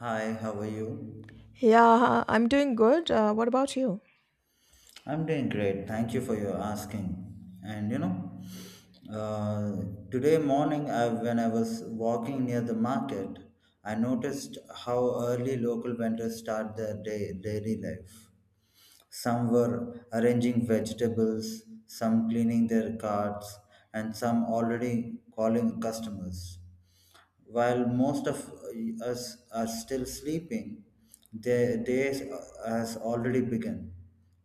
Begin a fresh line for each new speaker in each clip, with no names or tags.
Hi, how are you?
Yeah, I'm doing good. What about you?
I'm doing great. Thank you for your asking. And you know, uh, Today morning, I, when I was walking near the market, I noticed how early local vendors start their day, daily life. Some were arranging vegetables, some cleaning their carts, and some already calling customers. While most of us are still sleeping, the day has already begun.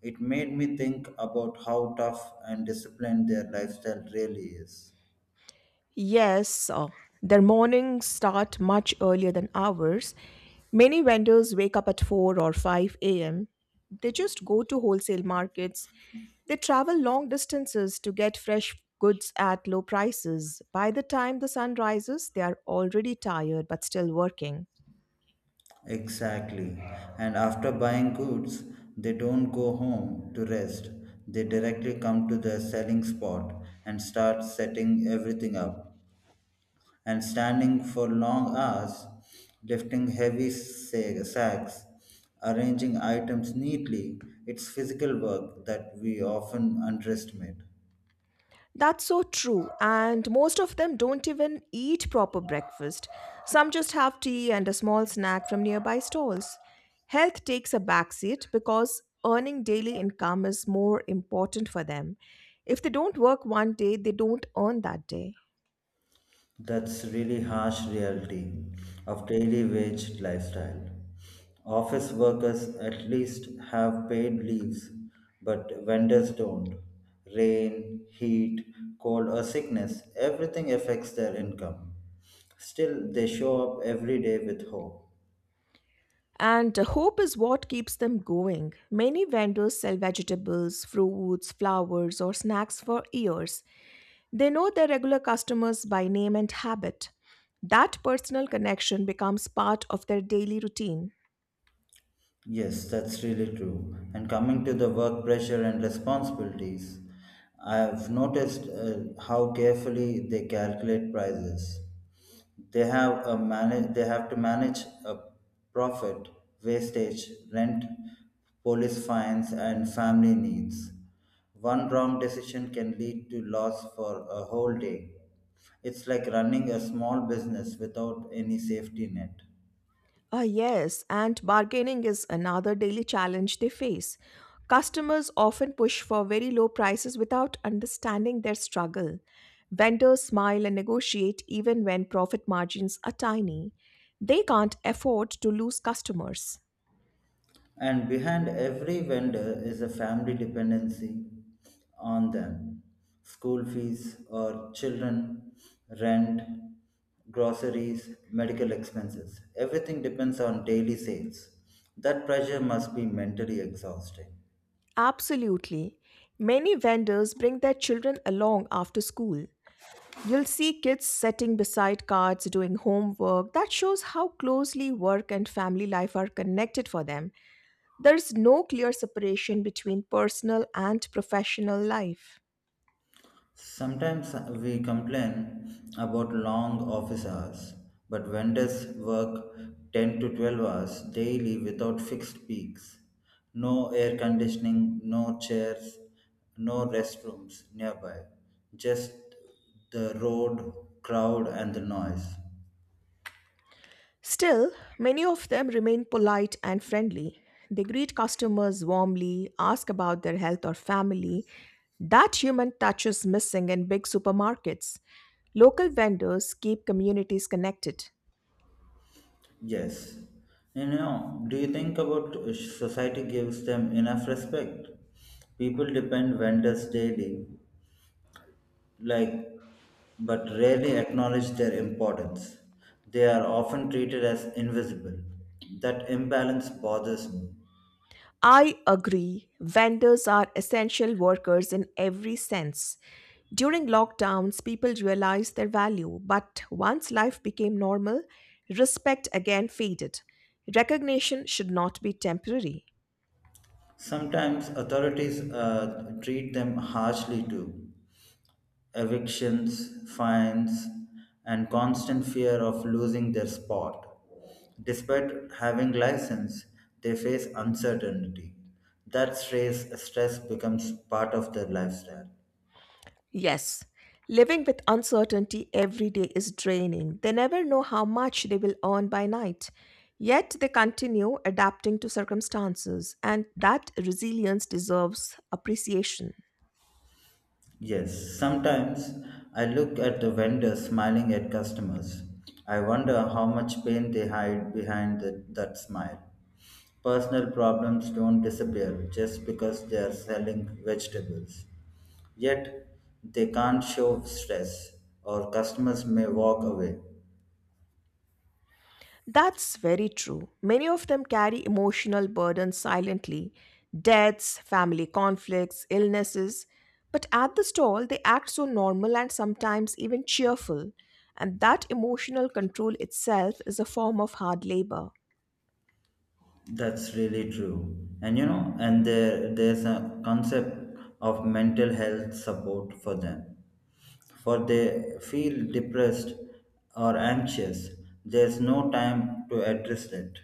It made me think about how tough and disciplined their lifestyle really is.
Yes, their mornings start much earlier than ours. Many vendors wake up at 4 or 5 a.m. They just go to wholesale markets. They travel long distances to get fresh goods at low prices. By the time the sun rises, they are already tired but still working.
Exactly. And after buying goods, they don't go home to rest. They directly come to the selling spot and start setting everything up. And standing for long hours, lifting heavy sacks, arranging items neatly. It's physical work that we often underestimate.
That's so true. And most of them don't even eat proper breakfast. Some just have tea and a small snack from nearby stalls. Health takes a backseat because earning daily income is more important for them. If they don't work one day, they don't earn that day.
That's really harsh reality of daily wage lifestyle. Office workers at least have paid leaves, but vendors don't. Rain, heat, cold, or sickness, everything affects their income. Still, they show up every day with hope.
And hope is what keeps them going. Many vendors sell vegetables, fruits, flowers, or snacks for years. They know their regular customers by name and habit. That personal connection becomes part of their daily routine.
Yes, that's really true. And coming to the work pressure and responsibilities, I have noticed how carefully they calculate prices. They have to manage a profit, wastage, rent, police fines, and family needs. One wrong decision can lead to loss for a whole day. It's like running a small business without any safety net.
Ah, yes, and bargaining is another daily challenge they face. Customers often push for very low prices without understanding their struggle. Vendors smile and negotiate even when profit margins are tiny. They can't afford to lose customers.
And behind every vendor is a family dependency on them, school fees or children, rent, groceries, medical expenses. Everything depends on daily sales. That pressure must be mentally exhausting.
Absolutely. Many vendors bring their children along after school. You'll see kids sitting beside cards doing homework. That shows how closely work and family life are connected for them. There's no clear separation between personal and professional life.
Sometimes we complain about long office hours, but vendors work 10 to 12 hours daily without fixed peaks. No air conditioning, no chairs, no restrooms nearby, just the road, crowd, and the noise.
Still, many of them remain polite and friendly. They greet customers warmly, ask about their health or family. That human touch is missing in big supermarkets. Local vendors keep communities connected.
Yes. You know, do you think about society gives them enough respect? People depend vendors daily, like, but rarely acknowledge their importance. They are often treated as invisible. That imbalance bothers me.
I agree. Vendors are essential workers in every sense. During lockdowns, people realized their value, but once life became normal, respect again faded. Recognition should not be temporary.
Sometimes authorities treat them harshly too. Evictions, fines, and constant fear of losing their spot. Despite having license, they face uncertainty. Stress becomes part of their lifestyle.
Yes, living with uncertainty every day is draining. They never know how much they will earn by night. Yet they continue adapting to circumstances, and that resilience deserves appreciation.
Yes, sometimes I look at the vendors smiling at customers. I wonder how much pain they hide behind that smile. Personal problems don't disappear just because they are selling vegetables. Yet, they can't show stress, or customers may walk away.
That's very true. Many of them carry emotional burdens silently deaths, family conflicts, illnesses. But at the stall, they act so normal and sometimes even cheerful. And that emotional control itself is a form of hard labor.
That's really true. And there's a concept of mental health support for them. For they feel depressed or anxious, there's no time to address it.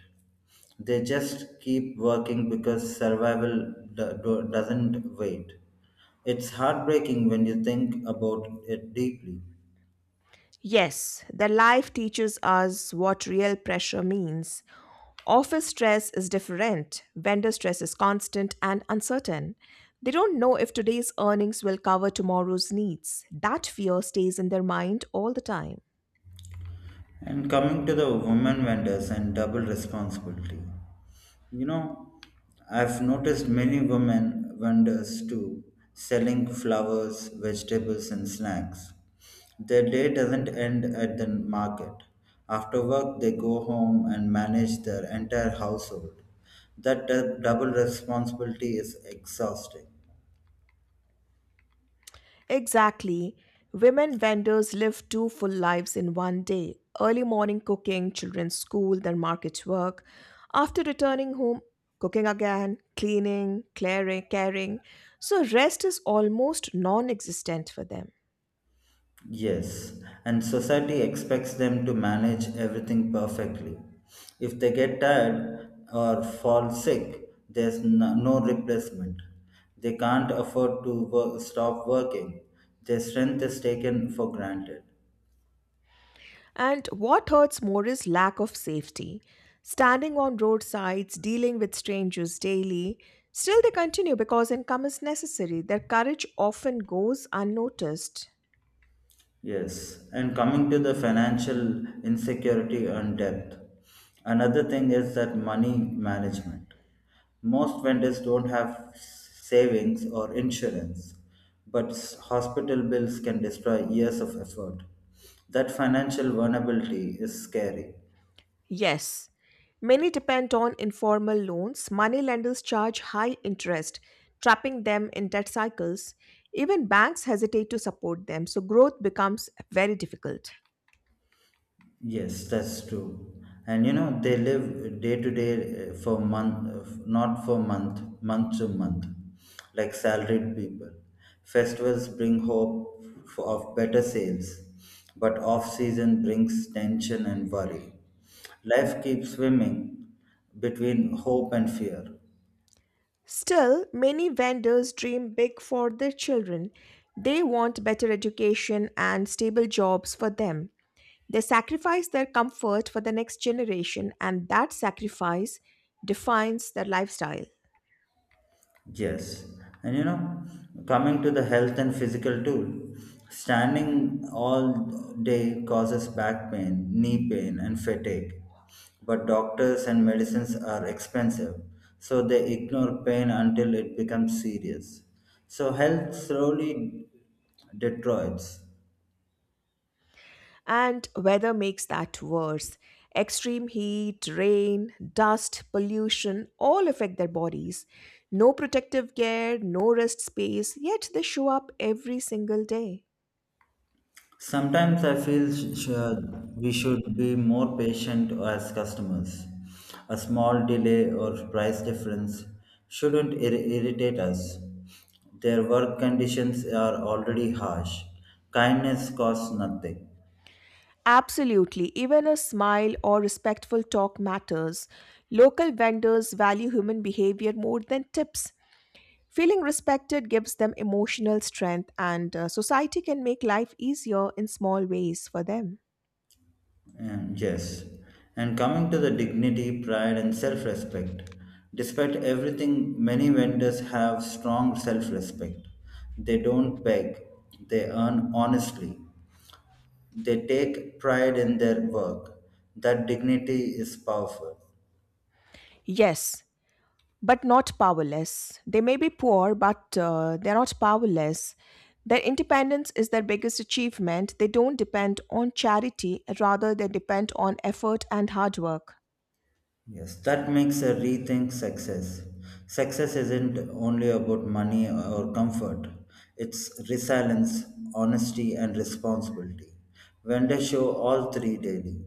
They just keep working because survival doesn't wait. It's heartbreaking when you think about it deeply.
Yes, their life teaches us what real pressure means. Office stress is different. Vendor stress is constant and uncertain. They don't know if today's earnings will cover tomorrow's needs. That fear stays in their mind all the time.
And coming to the women vendors and double responsibility, you know, I've noticed many women vendors too selling flowers, vegetables, and snacks. Their day doesn't end at the market. After work, they go home and manage their entire household. That double responsibility is exhausting.
Exactly. Women vendors live two full lives in one day: early morning cooking, children's school, then market work. After returning home, cooking again, cleaning, clearing, caring. So rest is almost non existent for them.
Yes, and society expects them to manage everything perfectly. If they get tired or fall sick, there's no replacement. They can't afford to work, Stop working. Their strength is taken for granted.
And what hurts more is lack of safety. Standing on roadsides, dealing with strangers daily, still they continue because income is necessary. Their courage often goes unnoticed.
Yes, and coming to the financial insecurity and debt, another thing is that money management. Most vendors don't have savings or insurance, but hospital bills can destroy years of effort. That financial vulnerability is scary.
Yes, many depend on informal loans. Money lenders charge high interest, trapping them in debt cycles. Even banks hesitate to support them, so growth becomes very difficult.
Yes, that's true. And you know, they live day to day, for month, not for month, month to month, like salaried people. Festivals bring hope for, of better sales, but off season brings tension and worry. Life keeps swimming between hope and fear.
Still, many vendors dream big for their children. They want better education and stable jobs for them. They sacrifice their comfort for the next generation, and that sacrifice defines their lifestyle.
Yes, and you know, coming to the health and physical too, standing all day causes back pain, knee pain, and fatigue. But doctors and medicines are expensive, so they ignore pain until it becomes serious. So, health slowly deteriorates.
And weather makes that worse. Extreme heat, rain, dust, pollution all affect their bodies. No protective gear, no rest space, yet they show up every single day.
Sometimes I feel we should be more patient as customers. A small delay or price difference shouldn't irritate us. Their work conditions are already harsh. Kindness costs nothing.
Absolutely. Even a smile or respectful talk matters. Local vendors value human behavior more than tips. Feeling respected gives them emotional strength, and society can make life easier in small ways for them.
And yes, and coming to the dignity, pride, and self respect. Despite everything, many vendors have strong self respect. They don't beg, they earn honestly. They take pride in their work. That dignity is powerful.
Yes, but not powerless. They may be poor, but they're not powerless. Their independence is their biggest achievement. They don't depend on charity, rather, they depend on effort and hard work.
Yes, that makes a rethink success. Success isn't only about money or comfort, it's resilience, honesty, and responsibility. Vendors show all three daily.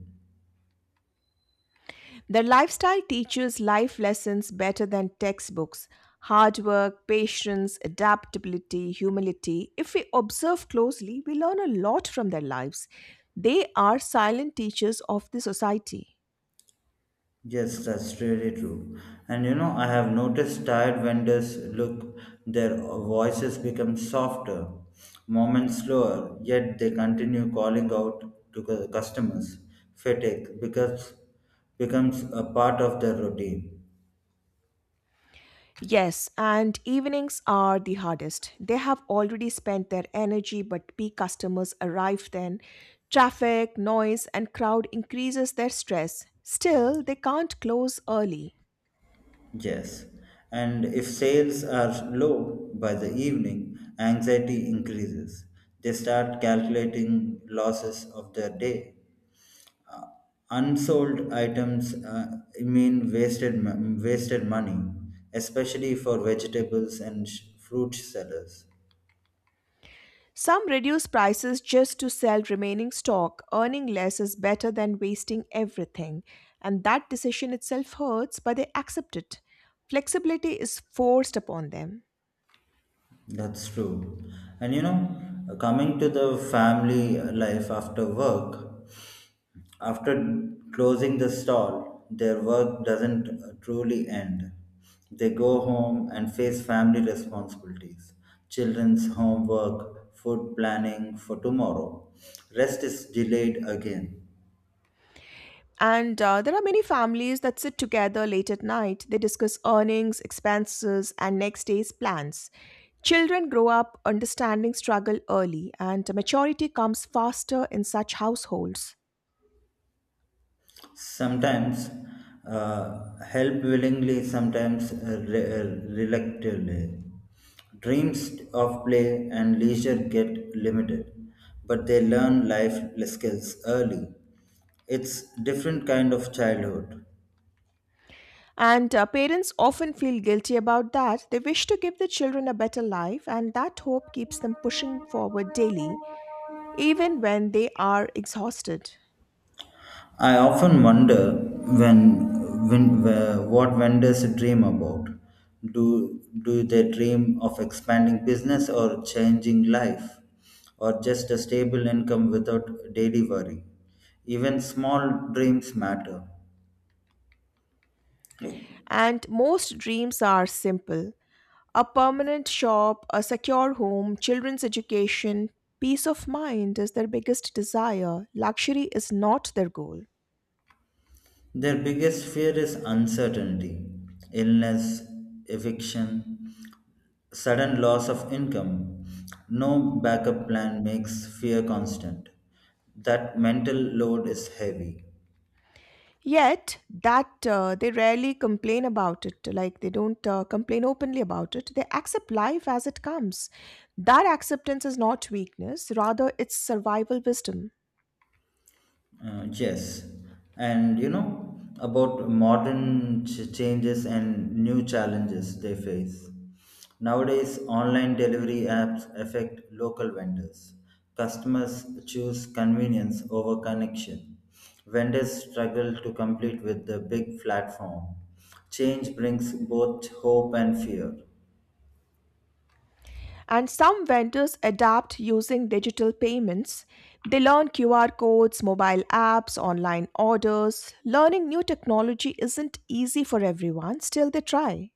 Their lifestyle teaches life lessons better than textbooks: hard work, patience, adaptability, humility. If we observe closely, we learn a lot from their lives. They are silent teachers of the society.
Yes, that's really true. And you know, I have noticed tired vendors look, their voices become softer, moments slower, yet they continue calling out to customers. Fatigue becomes, becomes a part of their routine.
Yes, and evenings are the hardest. They have already spent their energy, but peak customers arrive then. Traffic, noise, and crowd increases their stress. Still, they can't close early.
Yes. And if sales are low by the evening, anxiety increases. They start calculating losses of their day, unsold items mean wasted wasted money, especially for vegetables and fruit sellers.
Some reduce prices just to sell remaining stock. Earning less is better than wasting everything. And that decision itself hurts, but they accept it. Flexibility is forced upon them.
That's true. And you know, coming to the family life after work, after closing the stall, their work doesn't truly end. They go home and face family responsibilities, children's homework, food planning for tomorrow. Rest is delayed again.
And there are many families that sit together late at night. They discuss earnings, expenses, and next day's plans. Children grow up understanding struggle early, and maturity comes faster in such households.
Sometimes help willingly, sometimes reluctantly. Dreams of play and leisure get limited, but they learn life skills early. It's different kind of childhood.
And parents often feel guilty about that. They wish to give their children a better life, and that hope keeps them pushing forward daily, even when they are exhausted.
I often wonder what vendors dream about. Do they dream of expanding business or changing life, or just a stable income without daily worry? Even small dreams matter.
And most dreams are simple: a permanent shop, a secure home, children's education. Peace of mind is their biggest desire. Luxury is not their goal.
Their biggest fear is uncertainty, illness, eviction, sudden loss of income. No backup plan makes fear constant. That mental load is heavy.
Yet, that they rarely complain about it. Like they don't complain openly about it. They accept life as it comes. That acceptance is not weakness, rather, it's survival wisdom.
Yes, and you know about modern changes and new challenges they face. Nowadays, online delivery apps affect local vendors. Customers choose convenience over connection. Vendors struggle to compete with the big platform. Change brings both hope and fear.
And some vendors adapt using digital payments. They learn QR codes, mobile apps, online orders. Learning new technology isn't easy for everyone, still, they try.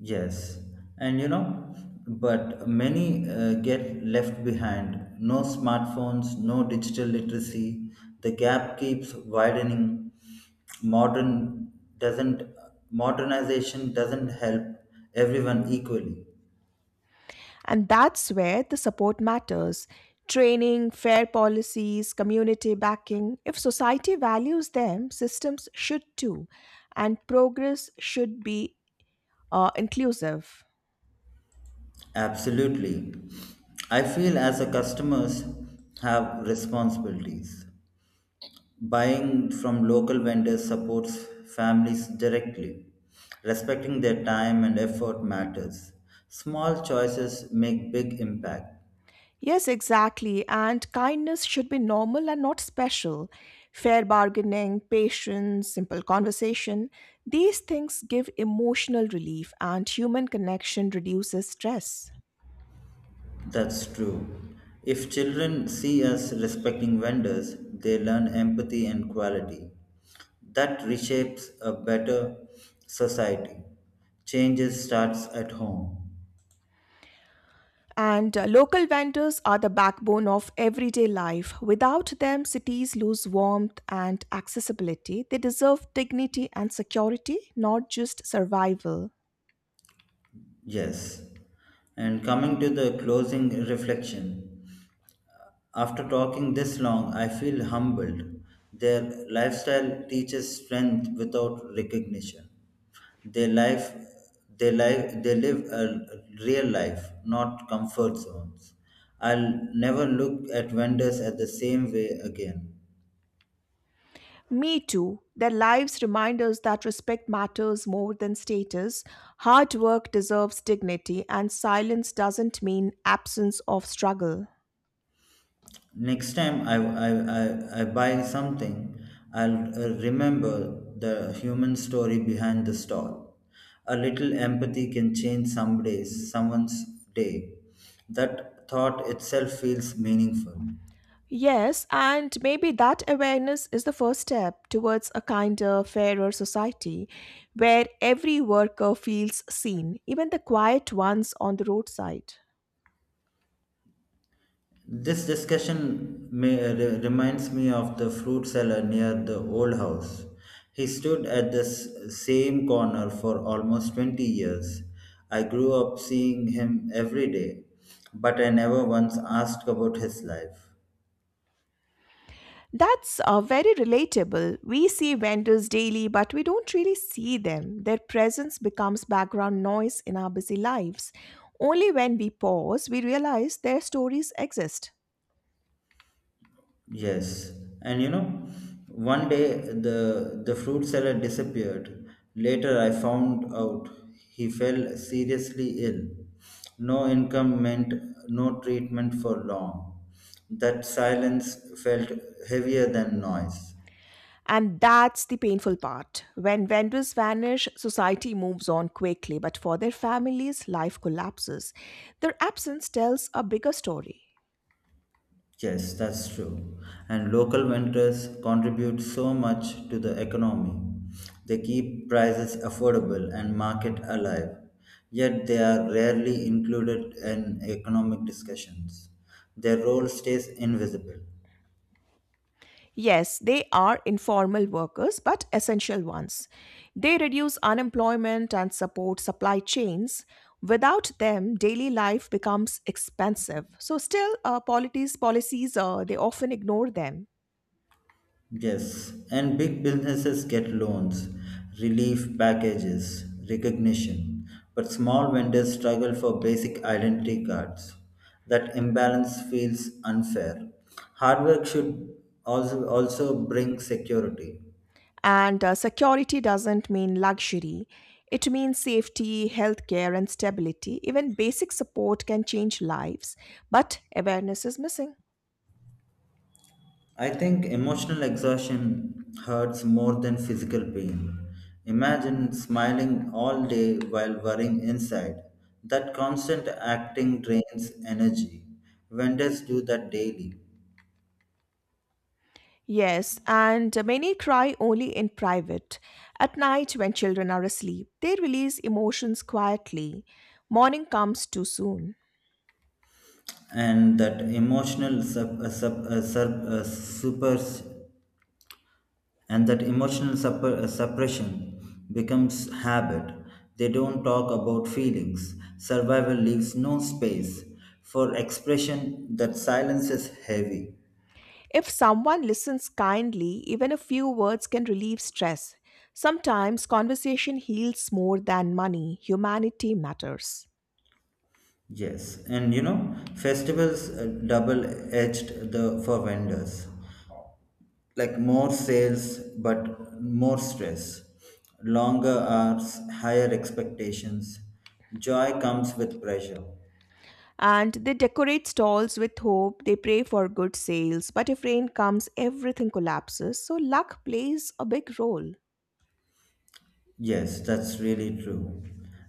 Yes, and you know, but many get left behind. No smartphones, no digital literacy. The gap keeps widening. Modern doesn't Modernization doesn't help everyone equally.
And that's where the support matters. Training, fair policies, community backing. If society values them, systems should too. And progress should be inclusive.
Absolutely. I feel as a customers have responsibilities. Buying from local vendors supports families directly. Respecting their time and effort matters. Small choices make big impact.
Yes, exactly. And kindness should be normal and not special. Fair bargaining, patience, simple conversation. These things give emotional relief, and human connection reduces stress.
That's true. If children see us respecting vendors, they learn empathy and quality. That reshapes a better society. Changes starts at home.
And local vendors are the backbone of everyday life. Without them, cities lose warmth and accessibility. They deserve dignity and security, not just survival.
Yes. And coming to the closing reflection, after talking this long, I feel humbled. Their lifestyle teaches strength without recognition. They life, they live a real life, not comfort zones. I'll never look at vendors at the same way again.
Me too. Their lives remind us that respect matters more than status. Hard work deserves dignity, and silence doesn't mean absence of struggle.
Next time I buy something, I'll remember the human story behind the stall. A little empathy can change someone's day. That thought itself feels meaningful.
Yes, and maybe that awareness is the first step towards a kinder, fairer society where every worker feels seen, even the quiet ones on the roadside.
This discussion reminds me of the fruit seller near the old house. He stood at this same corner for almost 20 years. I grew up seeing him every day, but I never once asked about his life.
That's very relatable. We see vendors daily, but we don't really see them. Their presence becomes background noise in our busy lives. Only when we pause, we realize their stories exist.
Yes, and you know, one day the fruit seller disappeared. Later, I found out he fell seriously ill. No income meant no treatment for long. That silence felt heavier than noise.
And that's the painful part. When vendors vanish, society moves on quickly, but for their families, life collapses. Their absence tells a bigger story.
Yes, that's true. And local vendors contribute so much to the economy. They keep prices affordable and market alive, yet they are rarely included in economic discussions. Their role stays invisible.
Yes, they are informal workers, but essential ones. They reduce unemployment and support supply chains. Without them, daily life becomes expensive. So, still, polities, policies, they often ignore them.
Yes, and big businesses get loans, relief packages, recognition, but small vendors struggle for basic identity cards. That imbalance feels unfair. Hard work should also bring security.
And security doesn't mean luxury, it means safety, healthcare, and stability. Even basic support can change lives, but awareness is missing.
I think emotional exhaustion hurts more than physical pain. Imagine smiling all day while worrying inside. That constant acting drains energy. Vendors do that daily.
Yes, and many cry only in private. At night, when children are asleep, they release emotions quietly. Morning comes too soon.
And that emotional sub, sub, sub, supers and that emotional supp- suppression becomes habit. They don't talk about feelings. Survival leaves no space for expression. That silence is heavy.
If someone listens kindly, even a few words can relieve stress. Sometimes conversation heals more than money. Humanity matters.
Yes, and you know, festivals double edged the for vendors, like more sales, but more stress, longer hours, higher expectations. Joy comes with pressure.
And they decorate stalls with hope, they pray for good sales, but if rain comes, everything collapses. So luck plays a big role.
Yes, that's really true.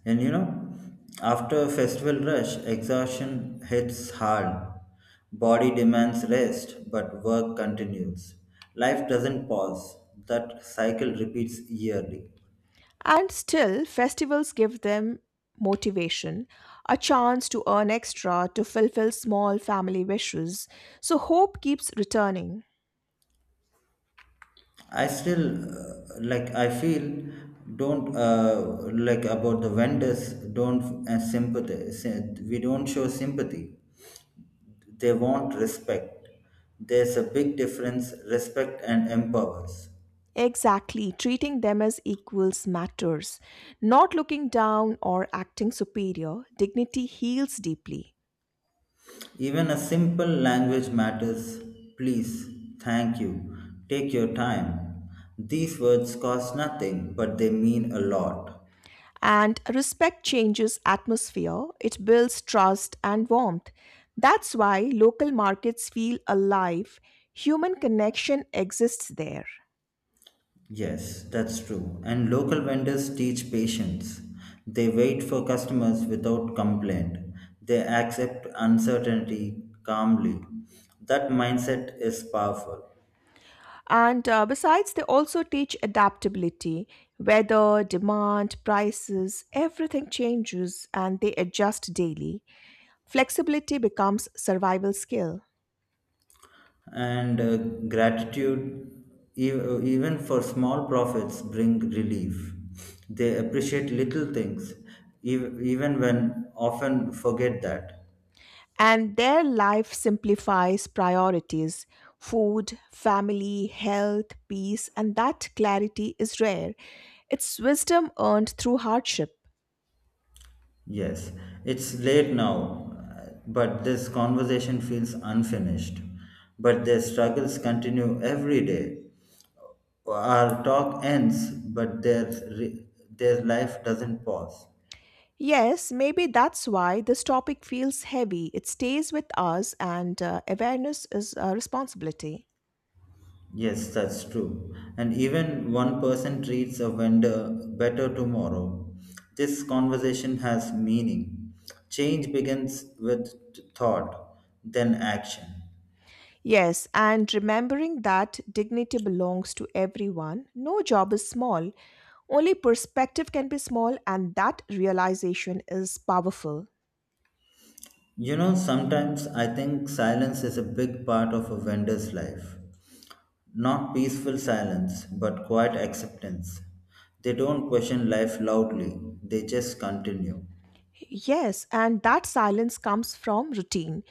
And you know, after a festival rush, exhaustion hits hard. Body demands rest, but work continues. Life doesn't pause. That cycle repeats yearly.
And still, festivals give them motivation, a chance to earn extra, to fulfill small family wishes. So hope keeps returning.
I still like I feel don't like about the vendors don't sympathy sy- we don't show sympathy. They want respect. There's a big difference, respect and empowers.
Exactly, treating them as equals matters. Not looking down or acting superior, dignity heals deeply.
Even a simple language matters. Please, thank you, take your time, these words cost nothing, but they mean a lot.
And respect changes atmosphere, it builds trust and warmth. That's why local markets feel alive. Human connection exists there.
Yes, that's true. And local vendors teach patience. They wait for customers without complaint. They accept uncertainty calmly. That mindset is powerful.
And besides, they also teach adaptability. Weather, demand, prices, everything changes and they adjust daily. Flexibility becomes survival skill.
And gratitude, even for small profits, bring relief. They appreciate little things, even when often forget that.
And their life simplifies priorities: food, family, health, peace, and that clarity is rare. It's wisdom earned through hardship.
Yes, it's late now, but this conversation feels unfinished. But their struggles continue every day. Our talk ends, but their life doesn't pause.
Yes, maybe that's why this topic feels heavy. It stays with us, and awareness is a responsibility.
Yes, that's true. And even one person treats a vendor better tomorrow. This conversation has meaning. Change begins with thought, then action.
Yes, and remembering that dignity belongs to everyone. No job is small, only perspective can be small, and that realization is powerful.
You know, sometimes I think silence is a big part of a vendor's life. Not peaceful silence, but quiet acceptance. They don't question life loudly, they just continue.
Yes, and that silence comes from routine.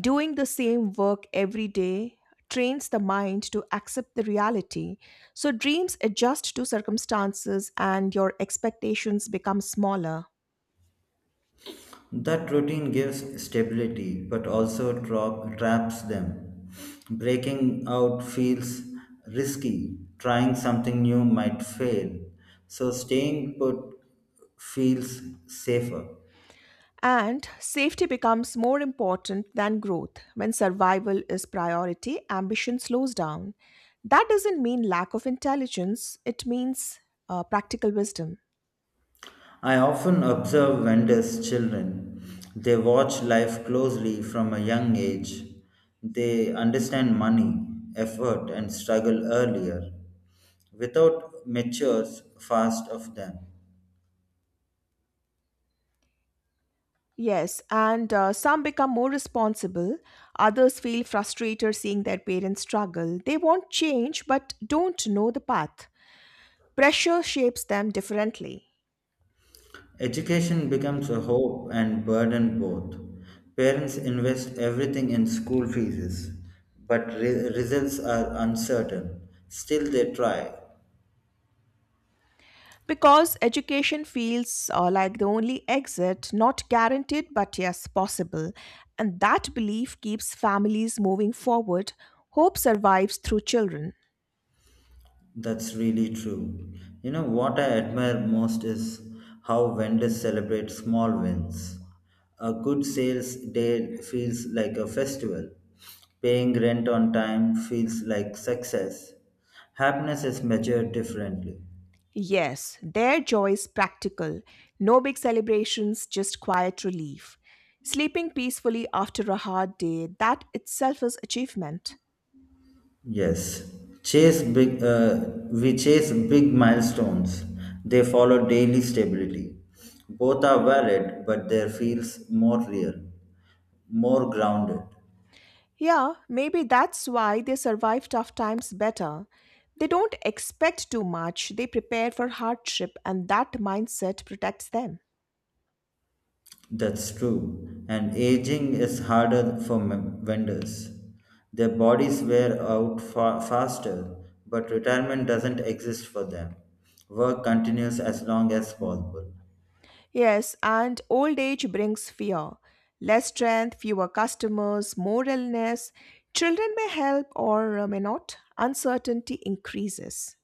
Doing the same work every day trains the mind to accept the reality. So dreams adjust to circumstances and your expectations become smaller.
That routine gives stability, but also traps them. Breaking out feels risky, trying something new might fail, so staying put feels safer.
And safety becomes more important than growth. When survival is priority, ambition slows down. That doesn't mean lack of intelligence, it means practical wisdom.
I often observe vendors' children. They watch life closely from a young age. They understand money, effort, and struggle earlier. Without matures fast of them.
Yes, and some become more responsible. Others feel frustrated seeing their parents struggle. They want change but don't know the path. Pressure shapes them differently.
Education becomes a hope and burden both. Parents invest everything in school fees, but results are uncertain. Still, they try.
Because education feels like the only exit, not guaranteed, but yes, possible. And that belief keeps families moving forward. Hope survives through children.
That's really true. You know, what I admire most is how vendors celebrate small wins. A good sales day feels like a festival. Paying rent on time feels like success. Happiness is measured differently.
Yes, their joy is practical. No big celebrations, just quiet relief. Sleeping peacefully after a hard day, that itself is achievement.
Yes, chase big. We chase big milestones. They follow daily stability. Both are valid, but their feels more real, more grounded.
Yeah, maybe that's why they survive tough times better. They don't expect too much, they prepare for hardship, and that mindset protects them.
That's true. And aging is harder for vendors. Their bodies wear out faster, but retirement doesn't exist for them. Work continues as long as possible.
Yes, and old age brings fear. Less strength, fewer customers, more illness. Children may help or may not. Uncertainty increases.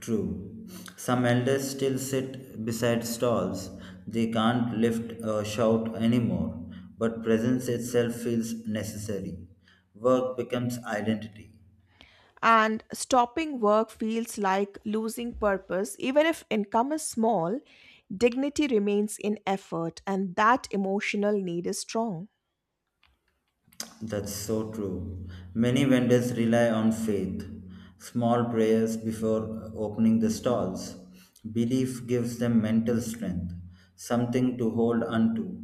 True. Some elders still sit beside stalls. They can't lift or shout anymore, but presence itself feels necessary. Work becomes identity.
And stopping work feels like losing purpose. Even if income is small, dignity remains in effort, and that emotional need is strong.
That's so true. Many vendors rely on faith, small prayers before opening the stalls. Belief gives them mental strength, something to hold onto.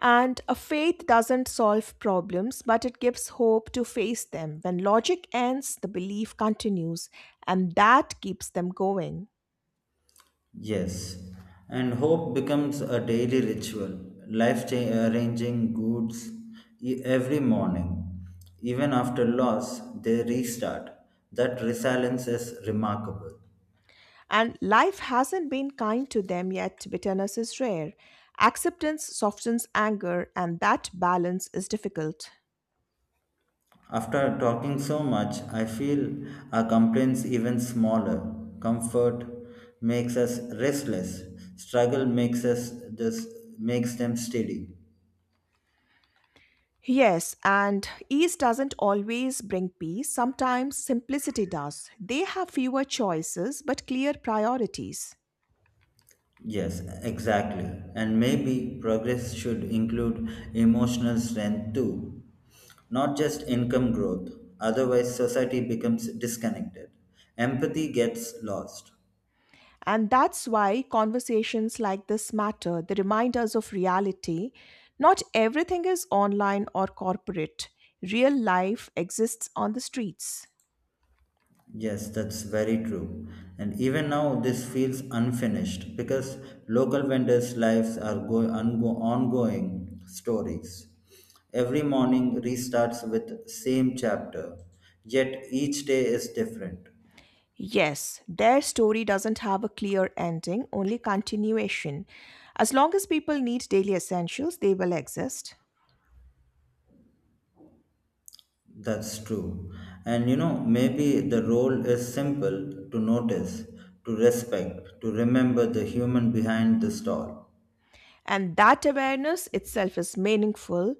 And a faith doesn't solve problems, but it gives hope to face them. When logic ends, the belief continues, and that keeps them going.
Yes, and hope becomes a daily ritual, life arranging goods every morning. Even after loss, they restart. That resilience is remarkable.
And life hasn't been kind to them yet, bitterness is rare. Acceptance softens anger, and that balance is difficult.
After talking so much, I feel our complaints even smaller. Comfort makes us restless. Struggle makes us just makes them steady.
Yes, and ease doesn't always bring peace. Sometimes simplicity does. They have fewer choices but clear priorities.
Yes, exactly. And maybe progress should include emotional strength too, not just income growth. Otherwise, society becomes disconnected. Empathy gets lost.
And that's why conversations like this matter. They remind us of reality. Not everything is online or corporate, real life exists on the streets.
Yes, that's very true. And even now, this feels unfinished because local vendors' lives are ongoing stories. Every morning restarts with same chapter, yet each day is different.
Yes, their story doesn't have a clear ending, only continuation. As long as people need daily essentials, they will exist.
That's true. And you know, maybe the role is simple to notice, to respect, to remember the human behind the stall.
And that awareness itself is meaningful.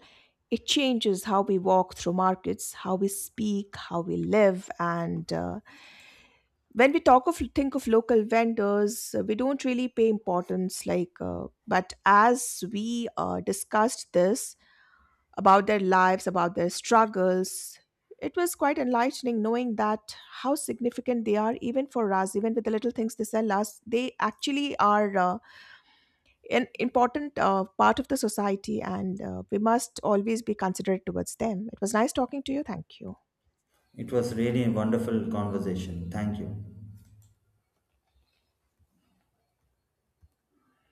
It changes how we walk through markets, how we speak, how we live, and when we talk of think of local vendors we don't really pay importance like but as we discussed this about their lives about their struggles it was quite enlightening knowing that how significant they are even for us even with the little things they sell us they actually are an important part of the society and we must always be considerate towards them. It was nice talking to you. Thank you.
It was really a wonderful conversation. Thank you.